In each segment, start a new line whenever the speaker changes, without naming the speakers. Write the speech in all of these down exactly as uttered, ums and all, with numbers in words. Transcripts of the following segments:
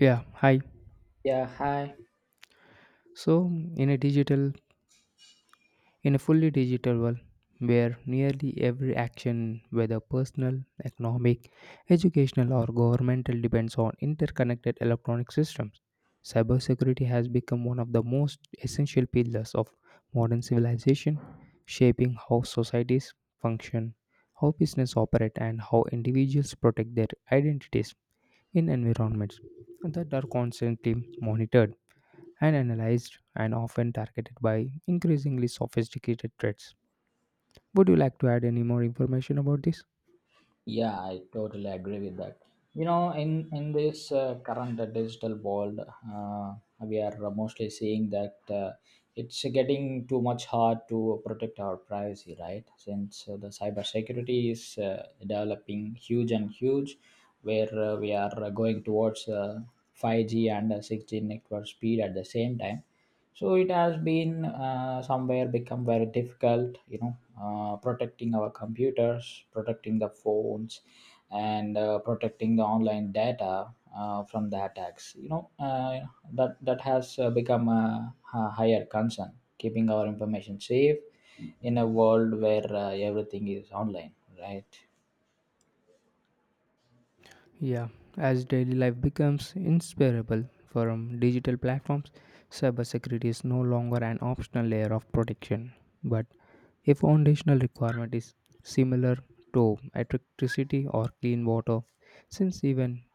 Yeah, hi.
Yeah, hi.
So, in a digital, in a fully digital world where nearly every action, whether personal, economic, educational, or governmental, depends on interconnected electronic systems, cybersecurity has become one of the most essential pillars of modern civilization, shaping how societies function, how business operate, and how individuals protect their identities in environments that are constantly monitored and analyzed and often targeted by increasingly sophisticated threats. Would you like to add any more information about this?
Yeah, I totally agree with that. You know, in in this uh, current uh, digital world, uh, we are mostly seeing that uh, it's getting too much hard to protect our privacy, right? Since uh, the cybersecurity is uh, developing huge and huge, where uh, we are uh, going towards uh, five G and uh, six G network speed at the same time, so it has been uh, somewhere become very difficult you know uh, protecting our computers, protecting the phones, and uh, protecting the online data uh, from the attacks you know uh, that that has uh, become a, a higher concern, keeping our information safe in a world where uh, everything is online, right.
Yeah, as daily life becomes inseparable from digital platforms, cybersecurity is no longer an optional layer of protection, but a foundational requirement is similar to electricity or clean water, since even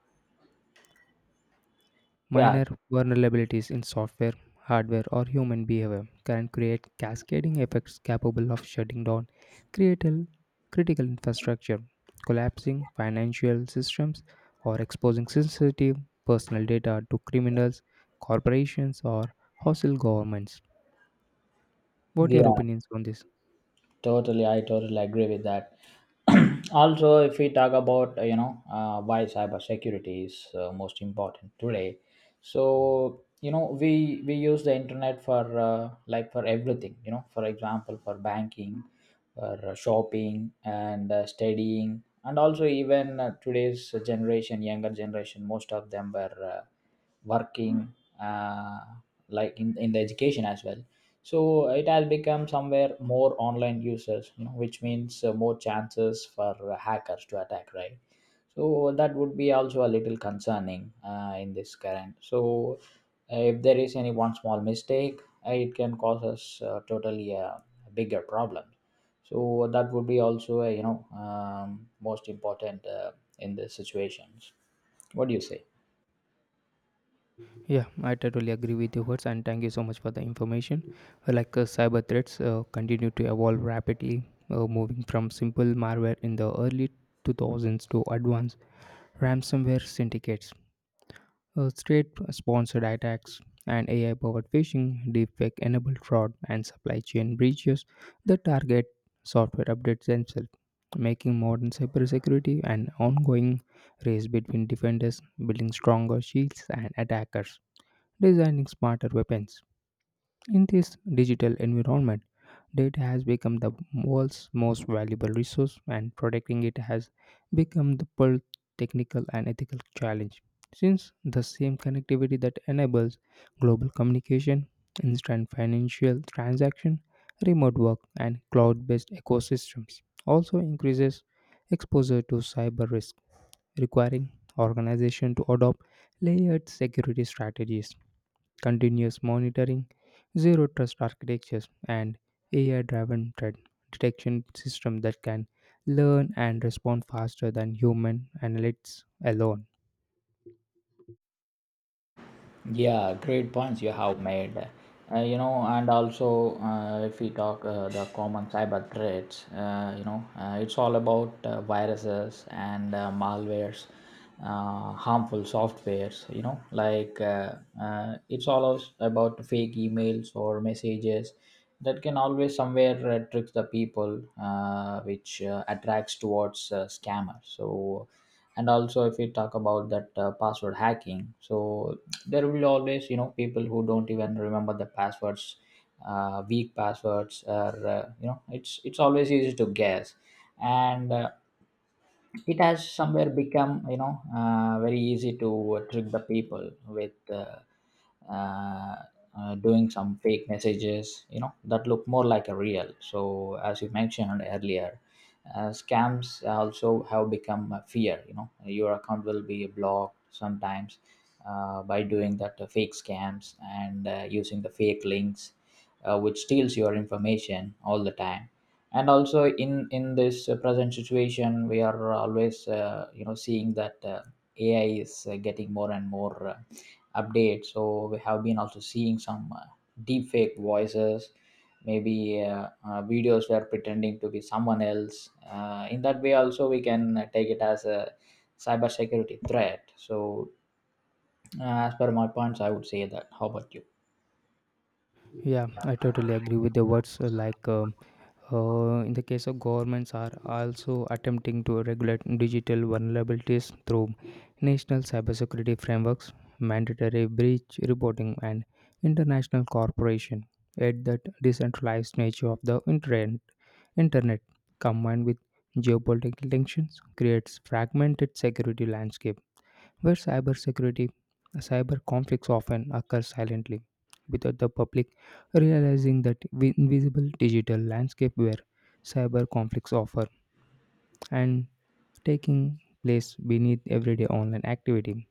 Yeah.
minor vulnerabilities in software, hardware, or human behavior can create cascading effects capable of shutting down critical, critical infrastructure, collapsing financial systems, or exposing sensitive personal data to criminals, corporations, or hostile governments. What are your
Yeah.
opinions on this?
Totally, I totally agree with that. Also, if we talk about uh, you know uh, why cybersecurity is uh, most important today, so you know we we use the internet for uh, like for everything. You know, for example, for banking, for uh, shopping and uh, studying, and also even uh, today's generation, younger generation, most of them were. Uh, working uh, like in, in the education as well, so it has become somewhere more online users, you know, which means uh, more chances for uh, hackers to attack, right. So that would be also a little concerning uh, in this current, so uh, if there is any one small mistake, uh, it can cause us uh, totally a bigger problem. So that would be also a, you know, um, most important uh, in the situations. What do you say?
Yeah, I totally agree with your words, and thank you so much for the information. Uh, Like uh, cyber threats uh, continue to evolve rapidly, uh, moving from simple malware in the early two thousands to advanced ransomware syndicates, uh, state-sponsored attacks, and A I-powered phishing, deepfake-enabled fraud, and supply chain breaches that target software updates themselves, making modern cybersecurity an ongoing race between defenders, building stronger shields, and attackers designing smarter weapons. In this digital environment, data has become the world's most valuable resource, and protecting it has become the both technical and ethical challenge. Since the same connectivity that enables global communication, instant financial transaction, remote work, and cloud based ecosystems also increases exposure to cyber risk, requiring organizations to adopt layered security strategies, continuous monitoring, zero trust architectures, and A I driven threat detection system that can learn and respond faster than human analysts alone.
Yeah, great points you have made. Uh, you know, and also uh, if we talk uh, the common cyber threats, uh, you know, uh, it's all about uh, viruses and uh, malwares, uh, harmful softwares. You know, like uh, uh, it's all us- about fake emails or messages that can always somewhere uh, tricks the people, uh, which uh, attracts towards uh, scammers. So, and also if we talk about that uh, password hacking, so there will always, you know, people who don't even remember the passwords, uh, weak passwords, or uh, you know, it's it's always easy to guess. And uh, it has somewhere become, you know, uh, very easy to uh, trick the people with uh, uh, uh, doing some fake messages, you know, that look more like a real. So as you mentioned earlier, uh, scams also have become a fear, you know, your account will be blocked sometimes uh, by doing that uh, fake scams and uh, using the fake links uh, which steals your information all the time. And also in in this uh, present situation, we are always uh, you know, seeing that uh, ai is uh, getting more and more uh, updates. So we have been also seeing some uh, deep fake voices, maybe uh, uh, videos were pretending to be someone else. Uh, in that way also we can uh, take it as a cybersecurity threat. So uh, as per my points, I would say. That, how about you?
Yeah, I totally agree with the words, uh, like uh, Uh, in the case of governments are also attempting to regulate digital vulnerabilities through national cybersecurity frameworks, mandatory breach reporting, and international cooperation. Yet that decentralized nature of the internet, internet combined with geopolitical tensions creates fragmented security landscape where cybersecurity, cyber conflicts often occur silently, without the public realizing that vi- invisible digital landscape where cyber conflicts offer and taking place beneath everyday online activity.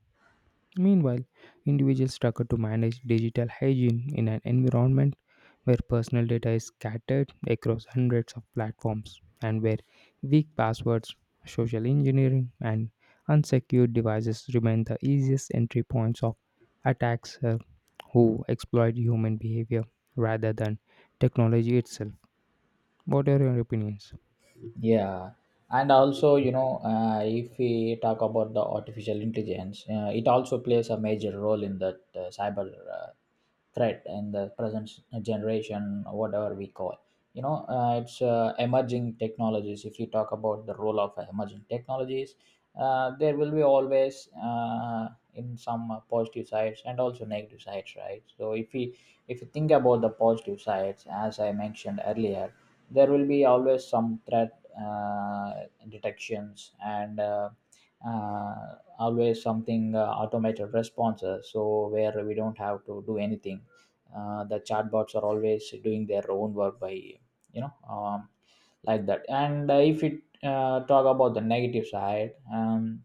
Meanwhile, individuals struggle to manage digital hygiene in an environment where personal data is scattered across hundreds of platforms and where weak passwords, social engineering, and unsecured devices remain the easiest entry points of attacks, uh, who exploit human behavior rather than technology itself. What are your opinions?
Yeah, and also you know uh, if we talk about the artificial intelligence, uh, it also plays a major role in that uh, cyber uh, threat in the present generation, whatever we call. You know, uh, it's uh, emerging technologies. If you talk about the role of emerging technologies, uh, there will be always uh, in some uh, positive sides and also negative sides, right. So if we if you think about the positive sides, as I mentioned earlier, there will be always some threat uh, detections and uh, uh, always something uh, automated responses, so where we don't have to do anything. Uh, the chatbots are always doing their own work, by you know, um, like that. And uh, if it uh, talk about the negative side, um,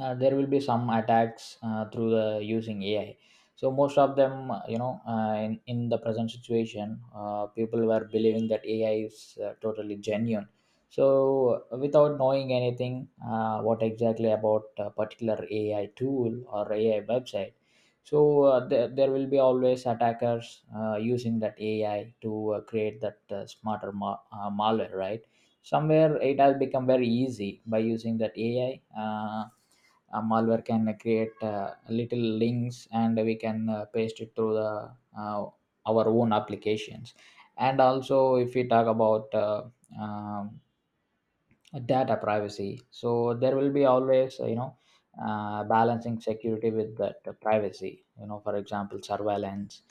uh, there will be some attacks uh, through the using A I. So most of them, uh, you know, uh, in, in the present situation, uh, people were believing that A I is uh, totally genuine. So uh, without knowing anything, uh, what exactly about a particular A I tool or A I website, so uh, there, there will be always attackers uh, using that A I to uh, create that uh, smarter ma- uh, malware, right? Somewhere it has become very easy by using that A I. Uh, uh, malware can uh, create uh, little links and we can uh, paste it through the uh, our own applications. And also if we talk about uh, um, data privacy, so there will be always uh, you know, uh, balancing security with that uh, privacy, you know, for example surveillance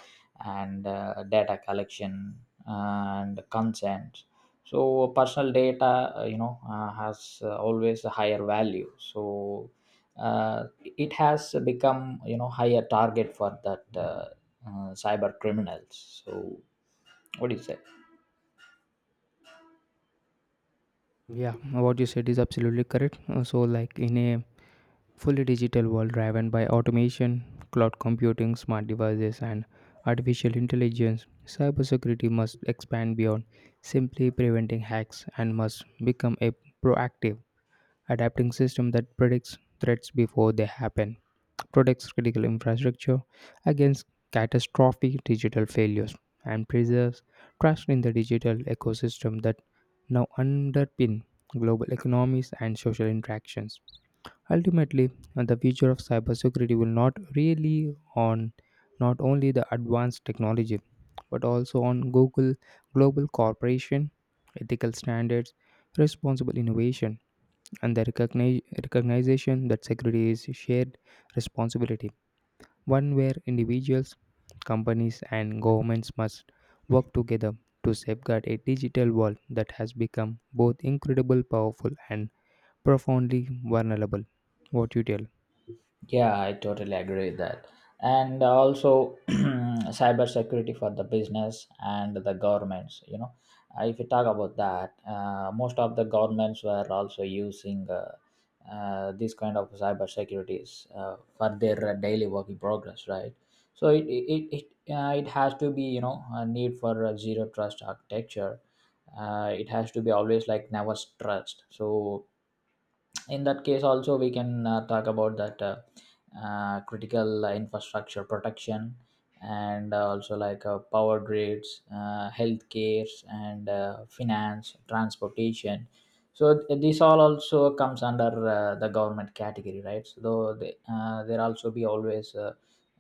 and uh, data collection and consent. So personal data, uh, you know, uh, has uh, always a higher value. So uh, it has become, you know, higher target for that uh, uh, cyber criminals. So what do you say?
Yeah, what you said is absolutely correct. Uh, So, like in a fully digital world driven by automation, cloud computing, smart devices, and artificial intelligence, cybersecurity must expand beyond simply preventing hacks and must become a proactive, adapting system that predicts threats before they happen, protects critical infrastructure against catastrophic digital failures, and preserves trust in the digital ecosystem that now underpin global economies and social interactions. Ultimately, uh, the future of cybersecurity will not really on not only the advanced technology but also on Google global cooperation, ethical standards, responsible innovation, and the recogni- recognition that security is a shared responsibility, one where individuals, companies, and governments must work together to safeguard a digital world that has become both incredibly powerful and profoundly vulnerable. What you tell?
Yeah, I totally agree with that. And also, cyber security for the business and the governments. You know, Uh, if you talk about that, uh, most of the governments were also using uh, uh, this kind of cybersecurities uh, for their uh, daily working progress, right? So it it it, it, uh, it has to be, you know, a need for a zero trust architecture. Uh, it has to be always like never trust. So in that case also we can uh, talk about that uh, uh, critical infrastructure protection, and uh, also like uh, power grids, uh, healthcare and uh, finance, transportation. So th- this all also comes under uh, the government category, right. So though they, uh, there also be always uh,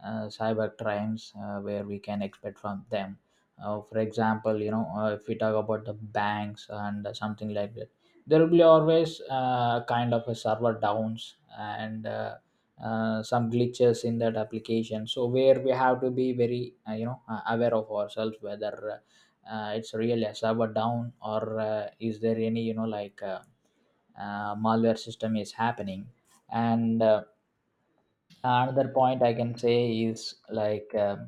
uh, cyber crimes uh, where we can expect from them. Uh, for example, you know, uh, if we talk about the banks and something like that, there will be always uh, kind of a server downs and uh, uh, some glitches in that application. So where we have to be very uh, you know, uh, aware of ourselves whether uh, it's really a server down or uh, is there any, you know, like uh, uh, malware system is happening. And uh, another point I can say is like, um,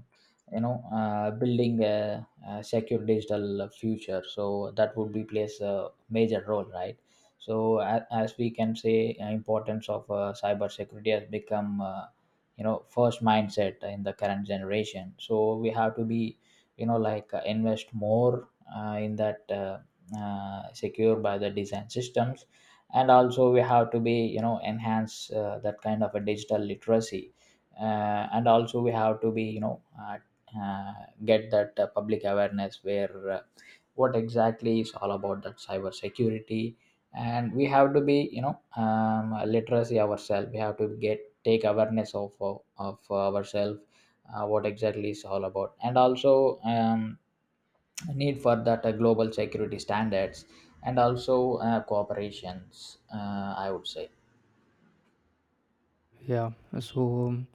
you know, uh, building a, a secure digital future. So that would be plays a major role, right. So as, as we can say, uh, importance of uh, cyber security has become, uh, you know, first mindset in the current generation. So we have to be, you know, like uh, invest more uh, in that uh, uh, secure by the design systems. And also we have to be, you know, enhance uh, that kind of a digital literacy. Uh, and also we have to be, you know, uh, uh, get that uh, public awareness, where uh, what exactly is all about that cyber security. And we have to be, you know, um, literacy ourselves. We have to get take awareness of of, of ourselves, uh, what exactly is all about. And also, um, need for that uh, global security standards and also uh, cooperations, uh, I would say.
Yeah, so um,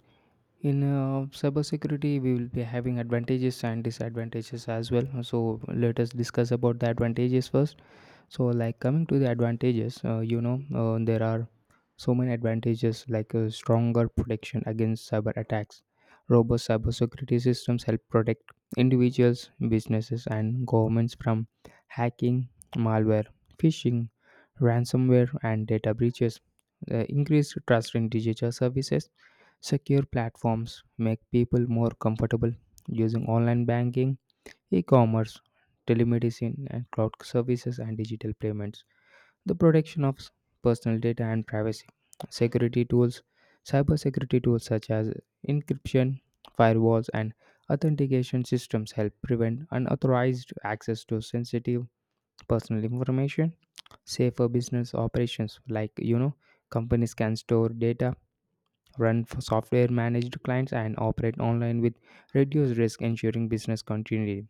in uh, cybersecurity, we will be having advantages and disadvantages as well. So let us discuss about the advantages first. So, like coming to the advantages, uh, you know, uh, there are so many advantages like uh, stronger protection against cyber attacks. Robust cybersecurity systems help protect individuals, businesses, and governments from hacking, malware, phishing, ransomware, and data breaches. Uh, increased trust in digital services. Secure platforms make people more comfortable using online banking, e-commerce, telemedicine and cloud services and digital payments; the protection of personal data and privacy; security tools; cybersecurity tools such as encryption, firewalls and authentication systems help prevent unauthorized access to sensitive personal information; safer business operations, like you know companies can store data, run for software managed clients and operate online with reduced risk, ensuring business continuity.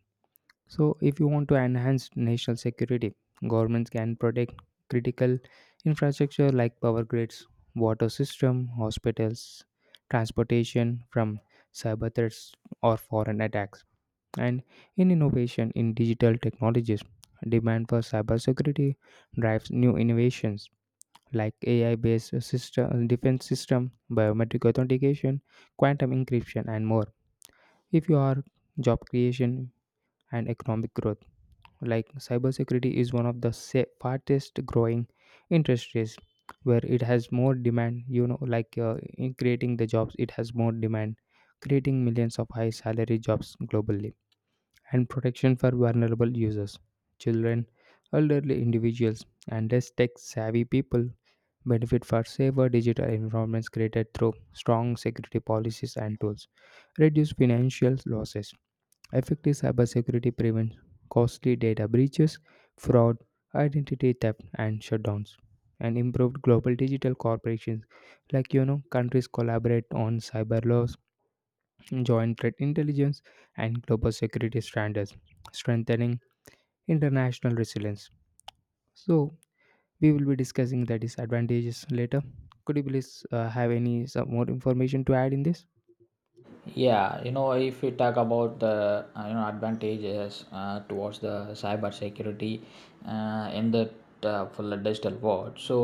So, if you want to enhance national security, governments can protect critical infrastructure like power grids, water system, hospitals, transportation from cyber threats or foreign attacks. And in innovation in digital technologies, demand for cybersecurity drives new innovations like A I-based system, defense system, biometric authentication, quantum encryption, and more. If you are job creation and economic growth, like cybersecurity is one of the sa- fastest growing industries where it has more demand, you know like, uh, in creating the jobs it has more demand, creating millions of high salary jobs globally. And protection for vulnerable users, children, elderly individuals and less tech savvy people benefit for safer digital environments created through strong security policies and tools, reduce financial losses. Effective cybersecurity prevents costly data breaches, fraud, identity theft, and shutdowns. And improved global digital corporations, like you know, countries collaborate on cyber laws, joint threat intelligence, and global security standards, strengthening international resilience. So we will be discussing the disadvantages later. Could you please uh, have any some more information to add in this?
Yeah, you know, if we talk about the uh, you know, advantages uh, towards the cyber security uh, in the uh, full digital world, so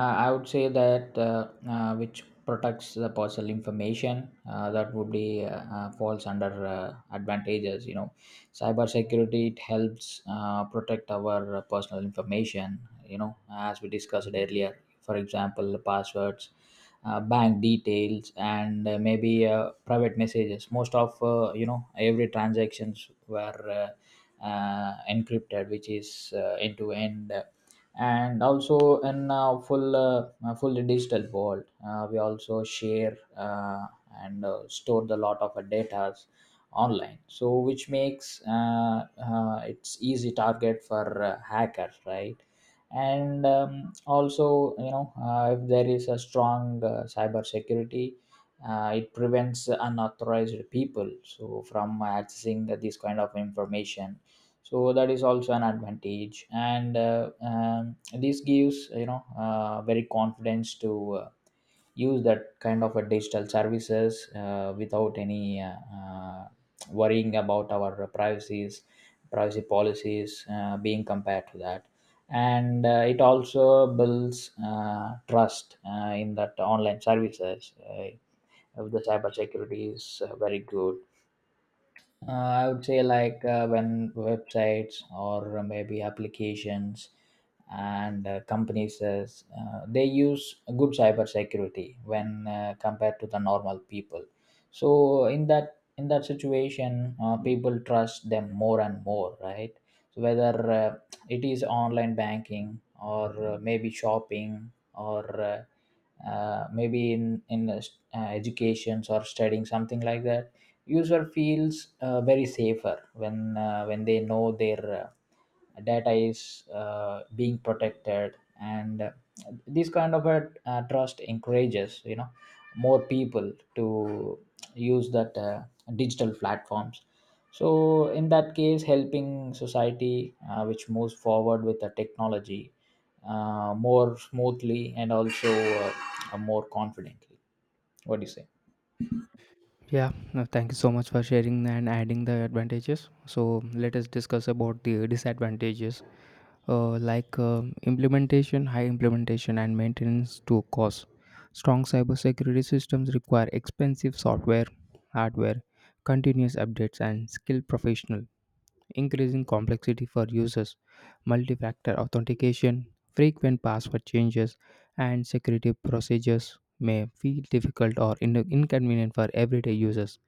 uh, I would say that uh, uh, which protects the personal information, uh, that would be uh, uh, falls under uh, advantages. You know, cyber security, it helps uh, protect our personal information, you know, as we discussed earlier, for example passwords, uh, bank details, and uh, maybe uh, private messages. Most of uh, you know, every transactions were uh, uh, encrypted, which is uh, end to end. And also in uh, full uh, uh, fully digital world, uh, we also share uh, and uh, store the lot of our data online, so which makes uh, uh, it's easy target for uh, hackers, right. And um, also, you know, uh, if there is a strong uh, cyber security, uh, it prevents unauthorized people so from accessing the, this kind of information. So that is also an advantage. And uh, um, this gives, you know, uh, very confidence to uh, use that kind of a digital services uh, without any uh, uh, worrying about our privacies privacy policies uh, being compared to that. And uh, it also builds uh, trust uh, in that online services. Uh, if the cyber security is uh, very good, uh, I would say like uh, when websites or uh, maybe applications and uh, companies is, uh, they use good cybersecurity when uh, compared to the normal people. So in that in that situation, uh, people trust them more and more, right? So whether uh, it is online banking or uh, maybe shopping or uh, uh, maybe in in uh, st- uh, educations or studying something like that, user feels uh, very safer when uh, when they know their uh, data is uh, being protected, and uh, this kind of a uh, trust encourages you know more people to use that uh, digital platforms, so in that case helping society, uh, which moves forward with the technology uh, more smoothly and also uh, uh, more confidently. What do you say?
Yeah, no, thank you so much for sharing and adding the advantages. So let us discuss about the disadvantages, uh, like uh, implementation, high implementation, and maintenance to cost. Strong cybersecurity systems require expensive software, hardware, continuous updates, and skilled professional, increasing complexity for users, multi-factor authentication, frequent password changes, and security procedures may feel difficult or in- inconvenient for everyday users.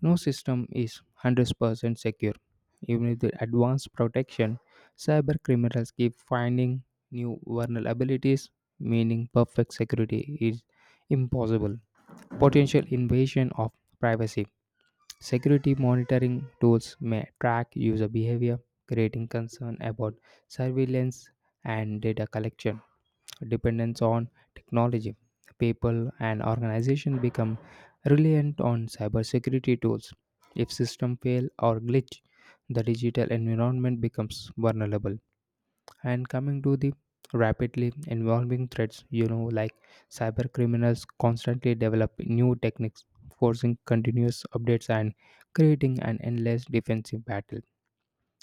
No system is one hundred percent secure. Even with advanced protection, cyber criminals keep finding new vulnerabilities, meaning perfect security is impossible. Potential invasion of privacy. Security monitoring tools may track user behavior, creating concern about surveillance and data collection. Dependence on technology. People and organizations become reliant on cybersecurity tools. If system fail or glitch, the digital environment becomes vulnerable. And coming to the rapidly evolving threats, you know, like cyber criminals constantly develop new techniques, forcing continuous updates and creating an endless defensive battle.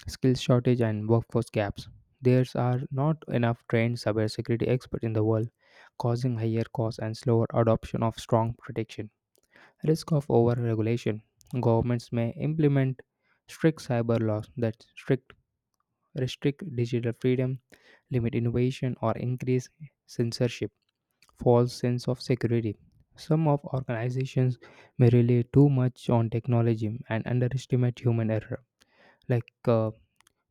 Skills shortage and workforce gaps. There are not enough trained cybersecurity experts in the world, causing higher costs and slower adoption of strong protection. Risk of overregulation. Governments may implement strict cyber laws that strict restrict digital freedom, limit innovation, or increase censorship. False sense of security. Some of organizations may rely too much on technology and underestimate human error, like, uh,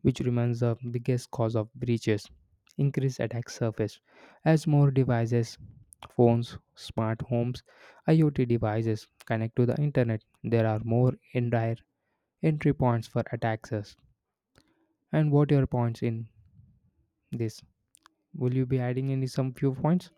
which remains the biggest cause of breaches. Increased attack surface, as more devices, phones, smart homes, I o T devices connect to the internet. There are more indirect entry points for attackers. And what are your points in this? Will you be adding any some few points?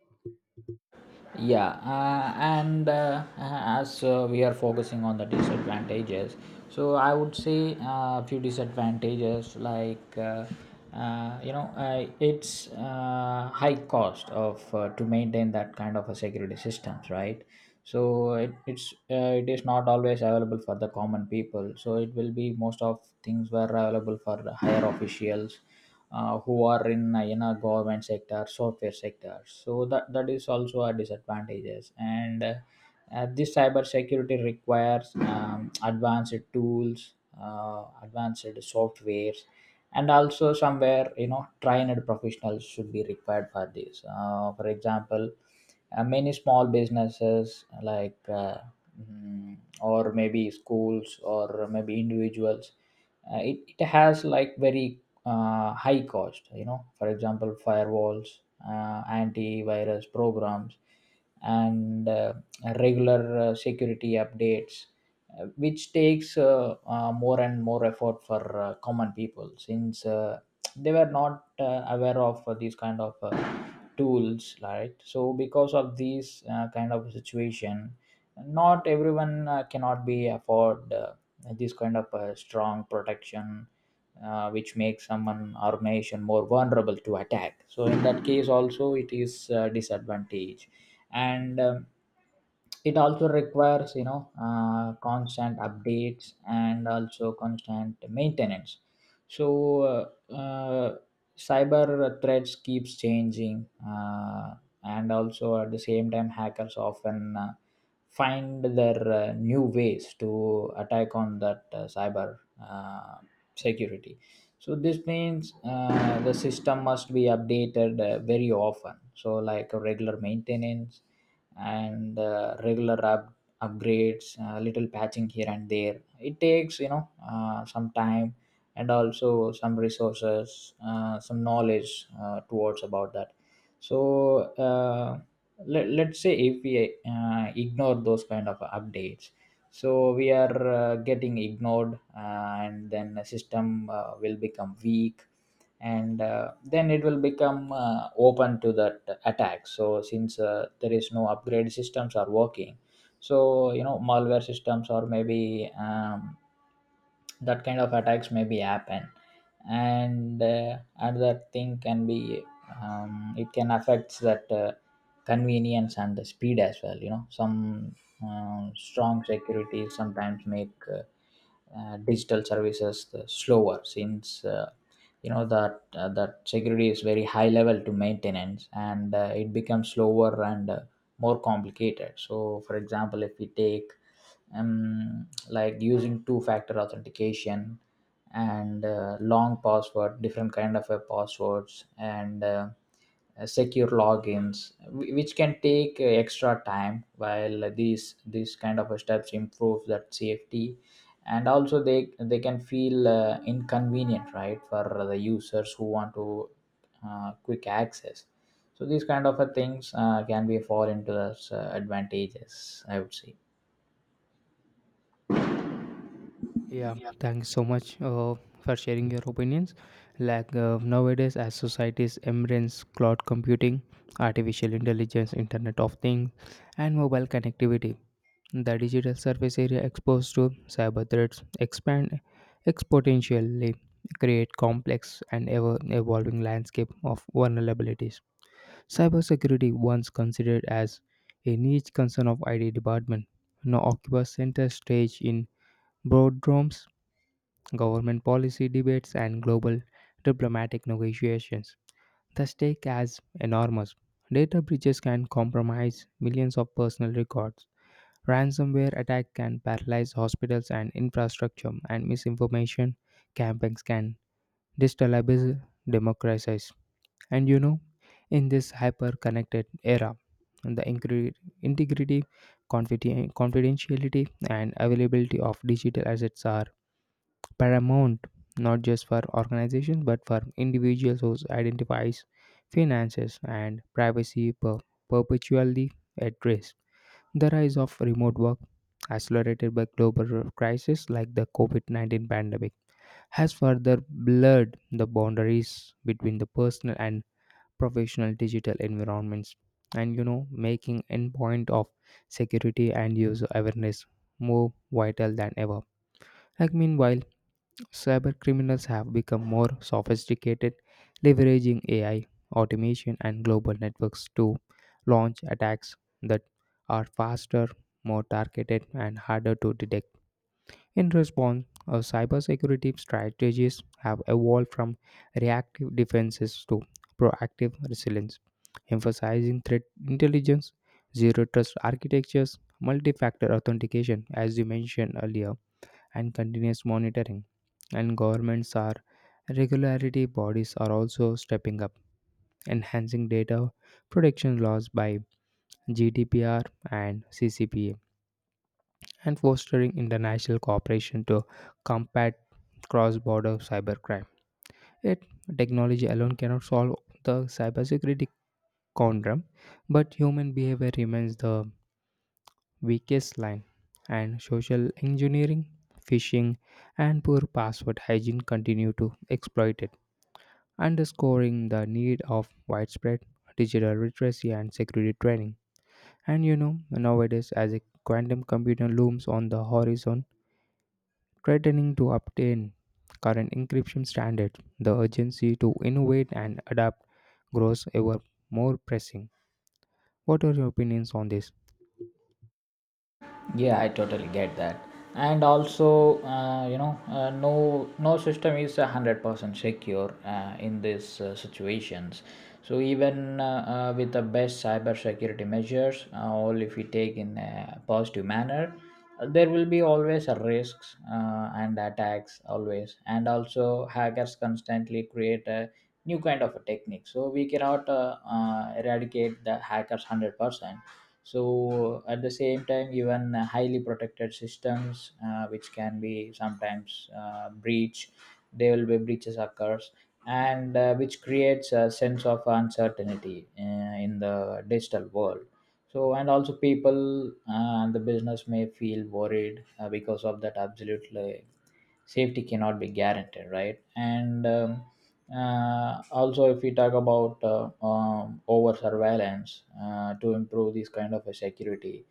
Yeah, uh, and uh, uh, as uh, we are focusing on the disadvantages, so I would say uh, a few disadvantages like uh, uh, you know uh, it's uh, high cost of uh, to maintain that kind of a security systems, right? So it, it's uh, it is not always available for the common people, so it will be most of things were available for the higher officials uh, who are in uh, in a government sector, software sector. So that that is also a disadvantages, and uh, uh, this cyber security requires um, advanced tools, uh, advanced softwares, and also somewhere, you know, trained professionals should be required for this. Uh, for example, uh, many small businesses like uh, mm, or maybe schools or maybe individuals, uh, it, it has like very uh, high cost, you know. For example, firewalls, uh, antivirus programs, and uh, regular uh, security updates, uh, which takes uh, uh, more and more effort for uh, common people, since uh, they were not uh, aware of uh, these kind of uh, tools, right? So because of these uh, kind of situation, not everyone uh, cannot be afford uh, this kind of uh, strong protection, uh, which makes someone or nation more vulnerable to attack. So in that case also it is uh, disadvantage. And um, it also requires, you know, uh, constant updates and also constant maintenance. So uh, uh, cyber threats keeps changing, uh, and also at the same time hackers often uh, find their uh, new ways to attack on that uh, cyber uh, security. So this means uh, the system must be updated uh, very often, so like a regular maintenance and uh, regular up- upgrades, uh, little patching here and there. It takes, you know, uh, some time and also some resources, uh, some knowledge uh, towards about that. So uh, let, let's say if we uh, ignore those kind of updates, so we are uh, getting ignored, uh, and then the system uh, will become weak, and uh, then it will become uh, open to that attack. So since uh, there is no upgrade, systems are working, so you know, malware systems or maybe um, that kind of attacks maybe happen. And uh, another thing can be, um, it can affect that uh, convenience and the speed as well, you know. Some uh, strong security sometimes make uh, uh, digital services the slower, since uh, you know that uh, that security is very high level to maintenance, and uh, it becomes slower and uh, more complicated. So for example, if we take um, like using two-factor authentication and uh, long password, different kind of uh, passwords, and uh, uh, secure logins, wh- which can take uh, extra time. While these these kind of steps improve that safety, and also they they can feel uh, inconvenient, right, for the users who want to uh, quick access. So these kind of uh, things uh, can be fall into those uh, advantages, I would say.
Yeah, thanks so much uh, for sharing your opinions. Like, uh, nowadays, as societies embrace cloud computing, artificial intelligence, Internet of Things, and mobile connectivity, the digital surface area exposed to cyber threats expand exponentially, create complex and ever evolving landscape of vulnerabilities. Cybersecurity, once considered as a niche concern of I T department, now occupies center stage in boardrooms, government policy debates, and global diplomatic negotiations. The stake is enormous. Data breaches can compromise millions of personal records. Ransomware attack can paralyze hospitals and infrastructure, and misinformation campaigns can destabilize democracies. And you know, in this hyper-connected era, the incre- integrity, confiden- confidentiality, and availability of digital assets are paramount, not just for organizations but for individuals whose identifies, finances and privacy per- perpetually at risk. The rise of remote work, accelerated by global crises like the COVID nineteen pandemic, has further blurred the boundaries between the personal and professional digital environments, and you know making endpoint of security and user awareness more vital than ever. Like, meanwhile, cybercriminals have become more sophisticated, leveraging A I, automation, and global networks to launch attacks that are faster, more targeted, and harder to detect. In response, uh, cybersecurity strategies have evolved from reactive defenses to proactive resilience, emphasizing threat intelligence, zero trust architectures, multi factor authentication, as you mentioned earlier, and continuous monitoring. And governments are regularity bodies are also stepping up, enhancing data protection laws by G D P R and C C P A, and fostering international cooperation to combat cross-border cybercrime. Yet, technology alone cannot solve the cybersecurity conundrum, but human behavior remains the weakest line, and social engineering, phishing, and poor password hygiene continue to exploit it, underscoring the need of widespread digital literacy and security training. And you know, nowadays, as a quantum computer looms on the horizon, threatening to obtain current encryption standards, the urgency to innovate and adapt grows ever more pressing. What are your opinions on this?
Yeah, I totally get that. And also, uh, you know, uh, no no system is a hundred percent secure uh, in these uh, situations. So even uh, uh, with the best cybersecurity measures, uh, all if we take in a positive manner, uh, there will be always a risks uh, and attacks always, and also hackers constantly create a new kind of a technique, so we cannot uh, uh, eradicate the hackers one hundred percent. So at the same time, even highly protected systems uh, which can be sometimes uh, breach, there will be breaches occurs, and uh, which creates a sense of uncertainty uh, in the digital world. So and also people uh, and the business may feel worried uh, because of that absolutely safety cannot be guaranteed, right? And um, uh, also if we talk about uh, um, over surveillance uh, to improve this kind of a security,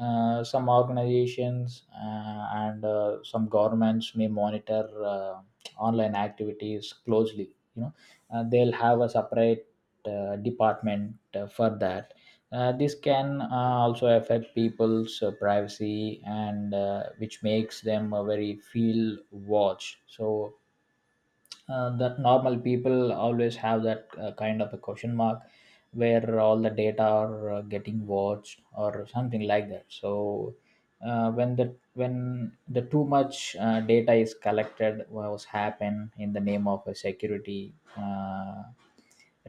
uh, some organizations uh, and uh, some governments may monitor uh, online activities closely, you know. Uh, they'll have a separate uh, department uh, for that. Uh, this can uh, also affect people's uh, privacy, and uh, which makes them uh, very feel watched. So uh, that normal people always have that uh, kind of a question mark where all the data are uh, getting watched or something like that. So uh, when the when the too much uh, data is collected was happen in the name of a security uh,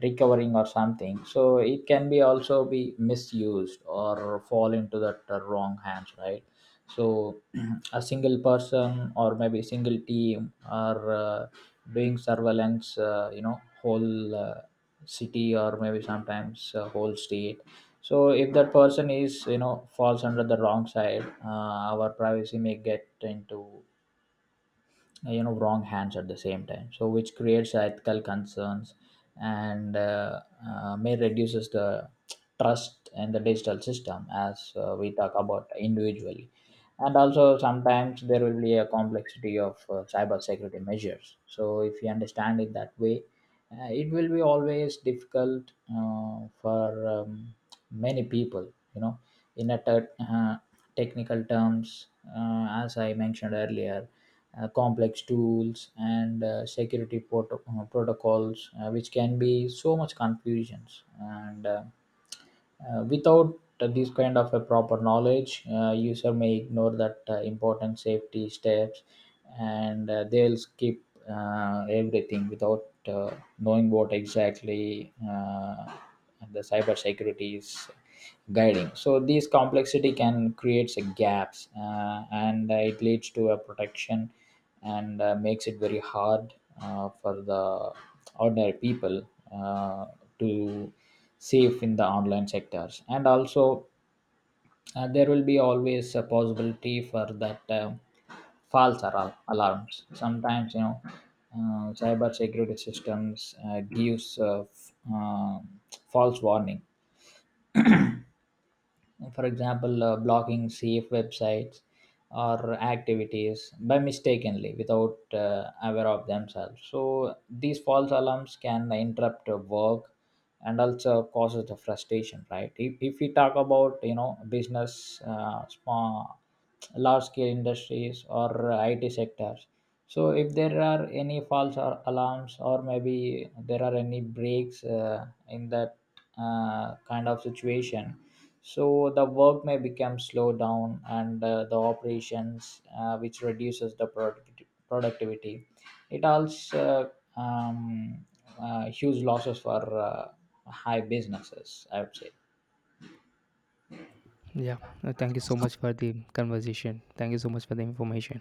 recovering or something, so it can be also be misused or fall into that uh, wrong hands, right? So a single person or maybe single team are uh, doing surveillance, uh, you know, whole uh, city or maybe sometimes uh, whole state. So if that person is, you know, falls under the wrong side, uh, our privacy may get into, uh, you know, wrong hands at the same time, so which creates ethical concerns, and uh, uh, may reduces the trust in the digital system, as uh, we talk about individually. And also sometimes there will be a complexity of uh, cyber security measures, so if you understand it that way, uh, it will be always difficult uh, for um, many people, you know, in a ter- uh, technical terms, uh, as I mentioned earlier, uh, complex tools and uh, security proto- uh, protocols, uh, which can be so much confusions and. Uh, uh, without uh, this kind of a proper knowledge, uh, user may ignore that uh, important safety steps, and uh, they'll skip uh, everything without uh, knowing what exactly uh, the cybersecurity is guiding. So this complexity can create gaps, uh, and uh, it leads to a protection, and uh, makes it very hard uh, for the ordinary people uh, to safe in the online sectors. And also uh, there will be always a possibility for that uh, false alarm alarms sometimes, you know. uh, cyber security systems uh, gives uh, f- uh, false warning, for example, uh, blocking safe websites or activities by mistakenly without uh, aware of themselves. So these false alarms can interrupt uh, work and also causes the frustration, right? If, if we talk about, you know, business, uh, small large scale industries or uh, I T sectors. So if there are any false or alarms, or maybe there are any breaks uh, in that uh, kind of situation, so the work may become slow down and uh, the operations, uh, which reduces the product- productivity. It also um, uh, huge losses for uh, high businesses, I would say.
Yeah, uh, thank you so much for the conversation. Thank you so much for the information.